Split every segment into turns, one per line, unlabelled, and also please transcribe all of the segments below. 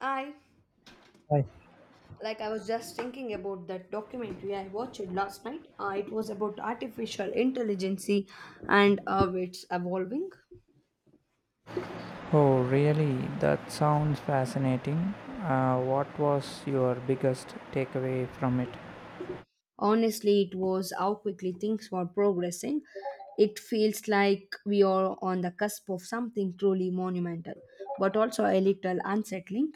I
Right.
like I was just thinking about that documentary I watched last night. It was about artificial intelligence and how it's evolving.
Oh, really? That sounds fascinating. What was your biggest takeaway from it?
Honestly, it was how quickly things were progressing. It feels like we are on the cusp of something truly monumental, but also a little unsettling.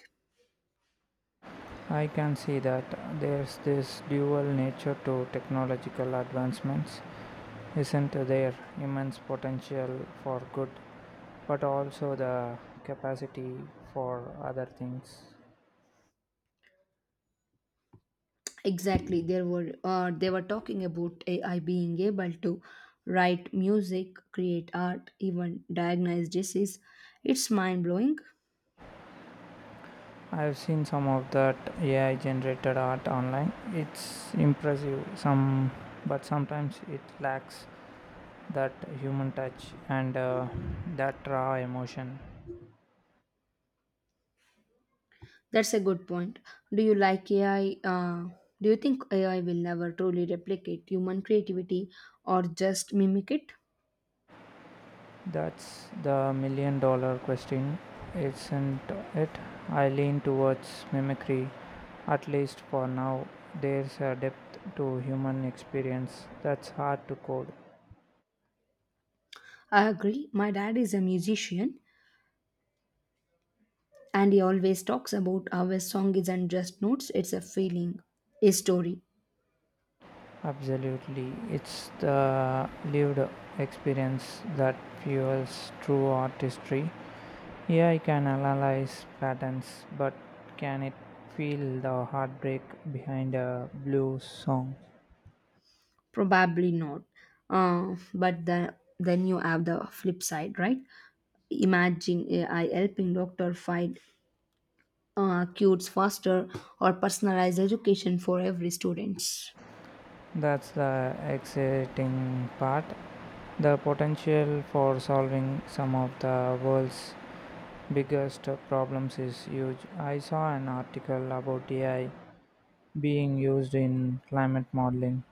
I can see that there's this dual nature to technological advancements, isn't there? Immense potential for good, but also the capacity for other things.
Exactly, there were they were talking about AI being able to write music, create art, even diagnose disease. It's mind blowing.
I've seen some of that AI generated art online. It's impressive, some but sometimes it lacks that human touch and that raw emotion.
That's a good point. Do you like AI? Do you think AI will never truly replicate human creativity or just mimic it?
That's the million dollar question, isn't it? I lean towards mimicry, at least for now. There's a depth to human experience that's hard to code.
I agree. My dad is a musician and he always talks about how a song isn't just notes, it's a feeling, a story.
Absolutely, it's the lived experience that fuels true artistry. AI can analyze patterns, but can it feel the heartbreak behind a blues song?
Probably not. But then you have the flip side, right? Imagine AI helping doctor find cures faster or personalized education for every students.
That's the exciting part. The potential for solving some of the world's biggest problems is huge. I saw an article about AI being used in climate modeling.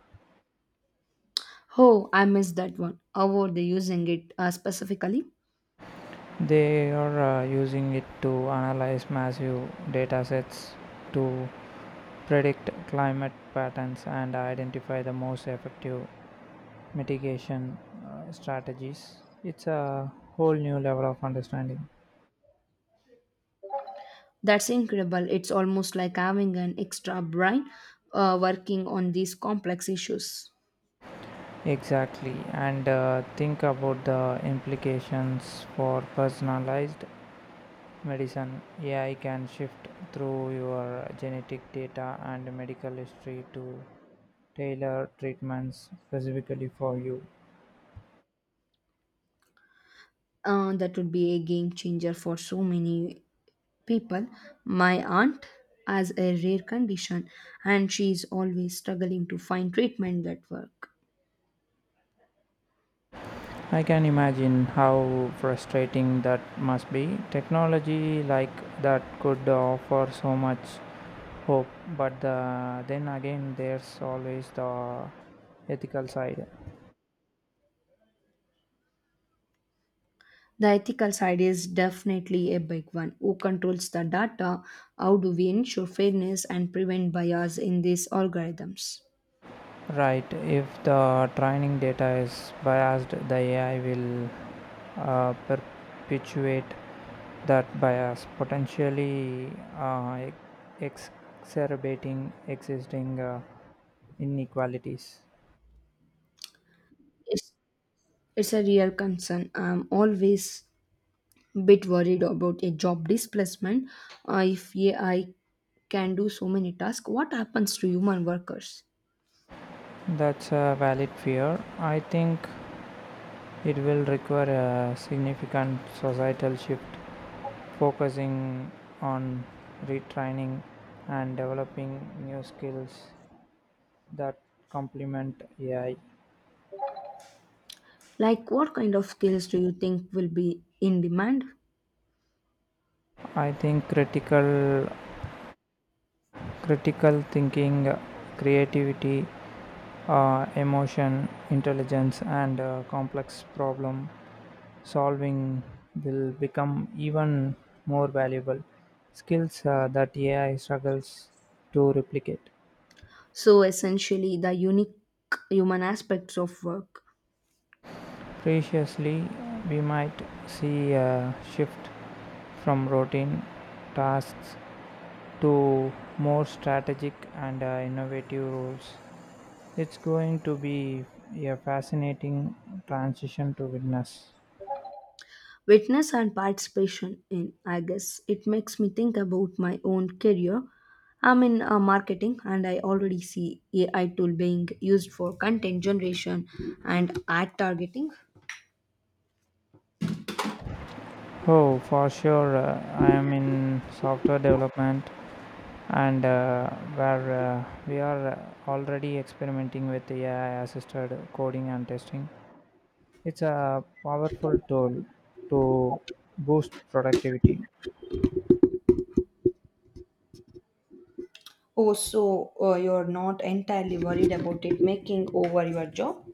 Oh, I missed that one. How were they using it specifically?
They are using it to analyze massive datasets to predict climate patterns and identify the most effective mitigation strategies. It's a whole new level of understanding.
That's incredible. It's almost like having an extra brain working on these complex issues.
Exactly, and think about the implications for personalized medicine. AI can shift through your genetic data and medical history to tailor treatments specifically for you.
That would be a game changer for so many people. My aunt has a rare condition and she is always struggling to find treatment that work.
I can imagine how frustrating that must be. Technology like that could offer so much hope, but then again, there's always the ethical side.
The ethical side is definitely a big one. Who controls the data? How do we ensure fairness and prevent bias in these algorithms?
Right, if the training data is biased, the AI will perpetuate that bias, potentially ex- exacerbating existing inequalities.
Yes. It's a real concern. I'm always bit worried about a job displacement. If AI can do so many tasks, what happens to human workers?
That's a valid fear. I think it will require a significant societal shift, focusing on retraining and developing new skills that complement AI.
Like, what kind of skills do you think will be in demand?
I think critical thinking, creativity, emotion, intelligence, and complex problem solving will become even more valuable skills that AI struggles to replicate.
So, essentially, the unique human aspects of work.
Preciously, we might see a shift from routine tasks to more strategic and innovative roles. It's going to be a fascinating transition to witness.
Witness and participation in I guess it makes me think about my own career. I'm in marketing and I already see AI tool being used for content generation and ad targeting.
Oh, for sure, I am in software development and where we are already experimenting with AI assisted coding and testing. It's a powerful tool to boost productivity.
Oh, so you're not entirely worried about it making over your job?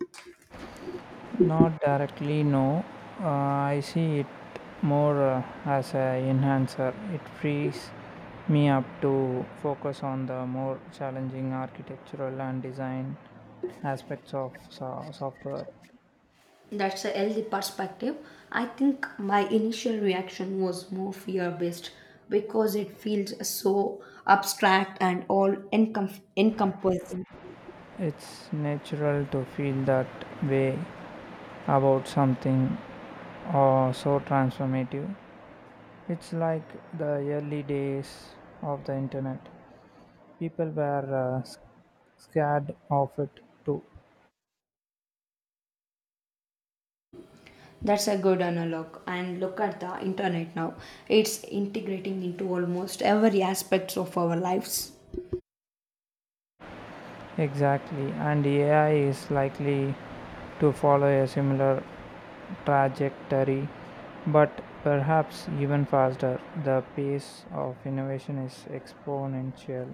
Not directly, no. I see it more as an enhancer. It frees me up to focus on the more challenging architectural and design aspects of software.
That's a healthy perspective. I think my initial reaction was more fear based because it feels so abstract and encompassing.
It's natural to feel that way about something so transformative. It's like the early days of the internet. People were scared of it too.
That's a good analog. And look at the internet now. It's integrating into almost every aspect of our lives.
Exactly, and AI is likely to follow a similar trajectory, but perhaps even faster. The pace of innovation is exponential.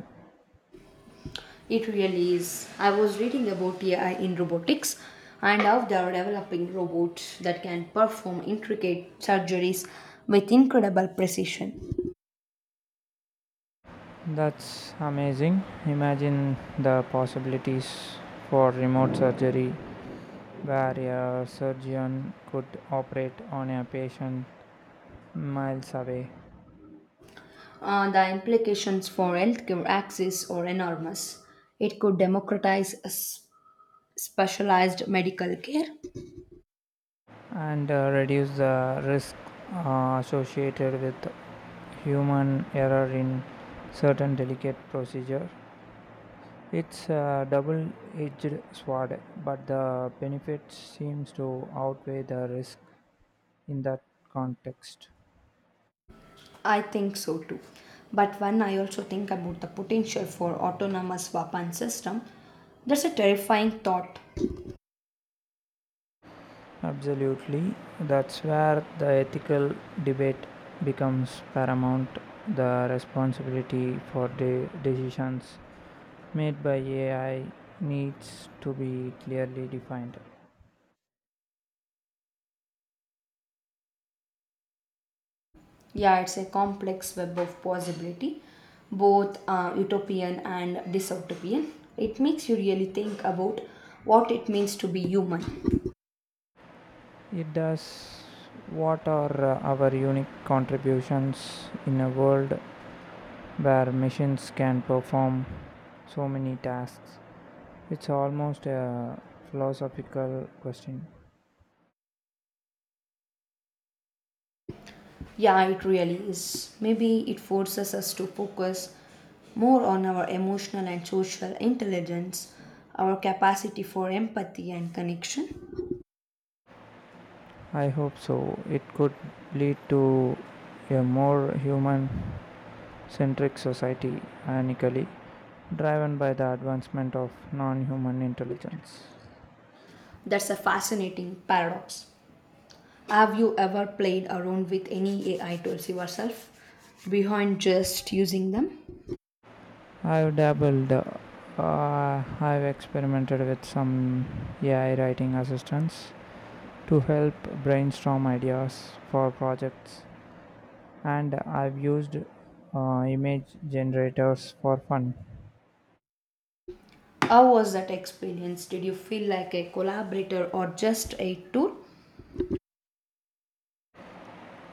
It really is. I was reading about AI in robotics and how they are developing robots that can perform intricate surgeries with incredible precision.
That's amazing. Imagine the possibilities for remote surgery where a surgeon could operate on a patient miles away.
The implications for healthcare access are enormous. It could democratize specialized medical care.
And reduce the risk associated with human error in certain delicate procedure. It's a double edged sword, but the benefit seems to outweigh the risk in that context.
I think so too. But when I also think about the potential for autonomous weapon system, that's a terrifying thought.
Absolutely, that's where the ethical debate becomes paramount. The responsibility for the decisions made by AI needs to be clearly defined.
Yeah, it's a complex web of possibility, both utopian and dystopian. It makes you really think about what it means to be human.
It does. What are our unique contributions in a world where machines can perform so many tasks? It's almost a philosophical question.
Yeah, it really is. Maybe it forces us to focus more on our emotional and social intelligence, our capacity for empathy and connection.
I hope so. It could lead to a more human centric society, ironically, driven by the advancement of non human intelligence.
That's a fascinating paradox. Have you ever played around with any AI tools yourself behind just using them?
I've dabbled. I've experimented with some AI writing assistants to help brainstorm ideas for projects, and I've used image generators for fun.
How was that experience? Did you feel like a collaborator or just a tool?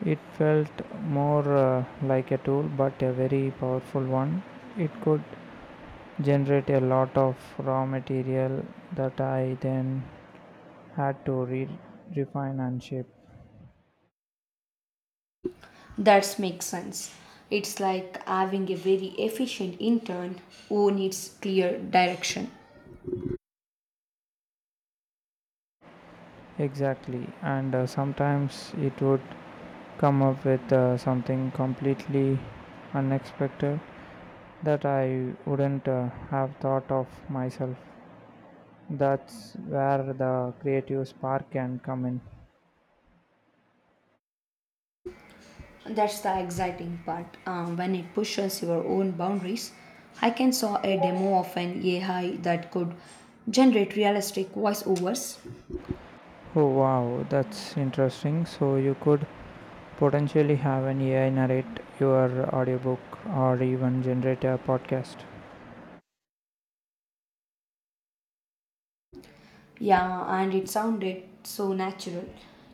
It felt more like a tool, but a very powerful one. It could generate a lot of raw material that I then had to refine and shape.
That makes sense. It's like having a very efficient intern who needs clear direction.
Exactly, and sometimes it would come up with something completely unexpected that I wouldn't have thought of myself. That's where the creative spark can come in.
That's the exciting part. When it pushes your own boundaries, I can saw a demo of an AI that could generate realistic voiceovers.
Oh wow, that's interesting. So you could potentially have an AI narrate your audiobook or even generate a podcast.
Yeah, and it sounded so natural.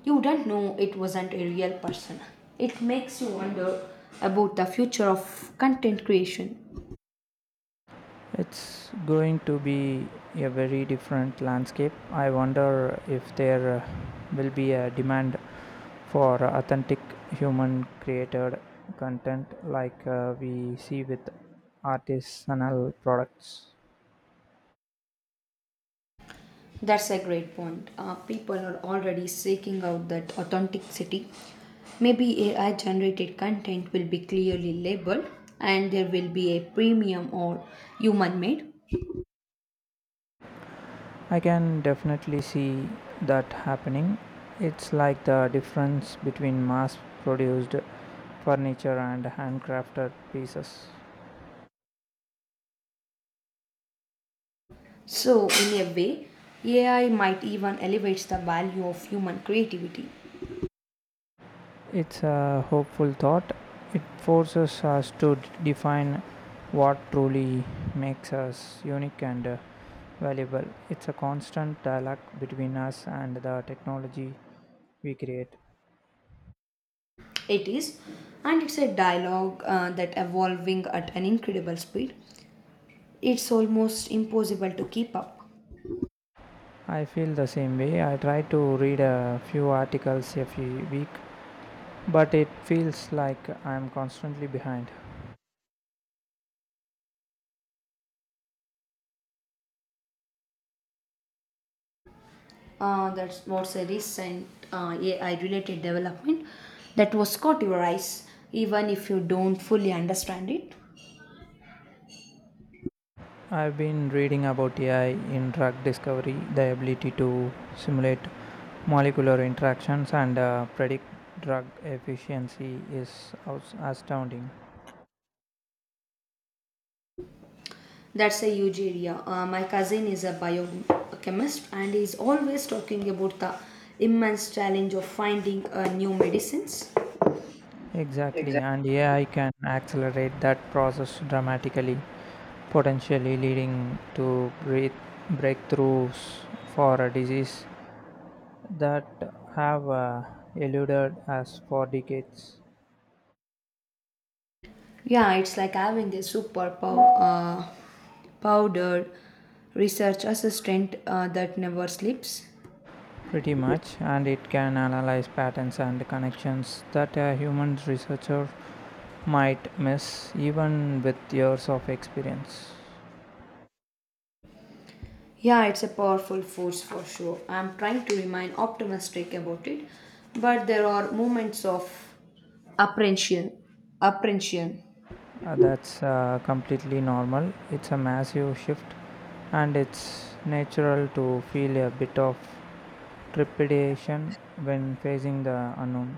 You don't know it wasn't a real person. It makes you wonder about the future of content creation.
It's going to be a very different landscape. I wonder if there will be a demand for authentic human created content like we see with artisanal products.
That's a great point. People are already seeking out that authenticity. Maybe AI generated content will be clearly labeled and there will be a premium or human made.
I can definitely see that happening. It's like the difference between mass produced furniture and handcrafted pieces.
So, in a way, AI might even elevate the value of human creativity.
It's a hopeful thought. It forces us to define what truly makes us unique and valuable. It's a constant dialogue between us and the technology we create.
It is, and it's a dialogue that evolving at an incredible speed. It's almost impossible to keep up.
I feel the same way. I try to read a few articles every week, but it feels like I'm constantly behind.
That's what's a recent AI-related development that was caught your eyes, even if you don't fully understand it.
I've been reading about AI in drug discovery, the ability to simulate molecular interactions and predict drug efficiency is astounding.
That's a huge area. My cousin is a biochemist and is always talking about the immense challenge of finding new medicines.
Exactly,
Exactly.
and AI can accelerate that process dramatically. Potentially leading to breath- breakthroughs for a disease that have eluded us for decades.
Yeah, it's like having a superpower powdered research assistant that never sleeps.
Pretty much, and it can analyze patterns and connections that a human researcher might miss, even with years of experience.
Yeah, it's a powerful force for sure. I'm trying to remain optimistic about it, but there are moments of apprehension. Apprehension.
That's completely normal. It's a massive shift, and it's natural to feel a bit of trepidation when facing the unknown.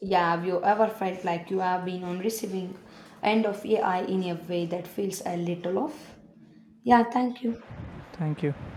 Yeah, have you ever felt like you have been on receiving end of AI in a way that feels a little off? Yeah, thank you.
Thank you.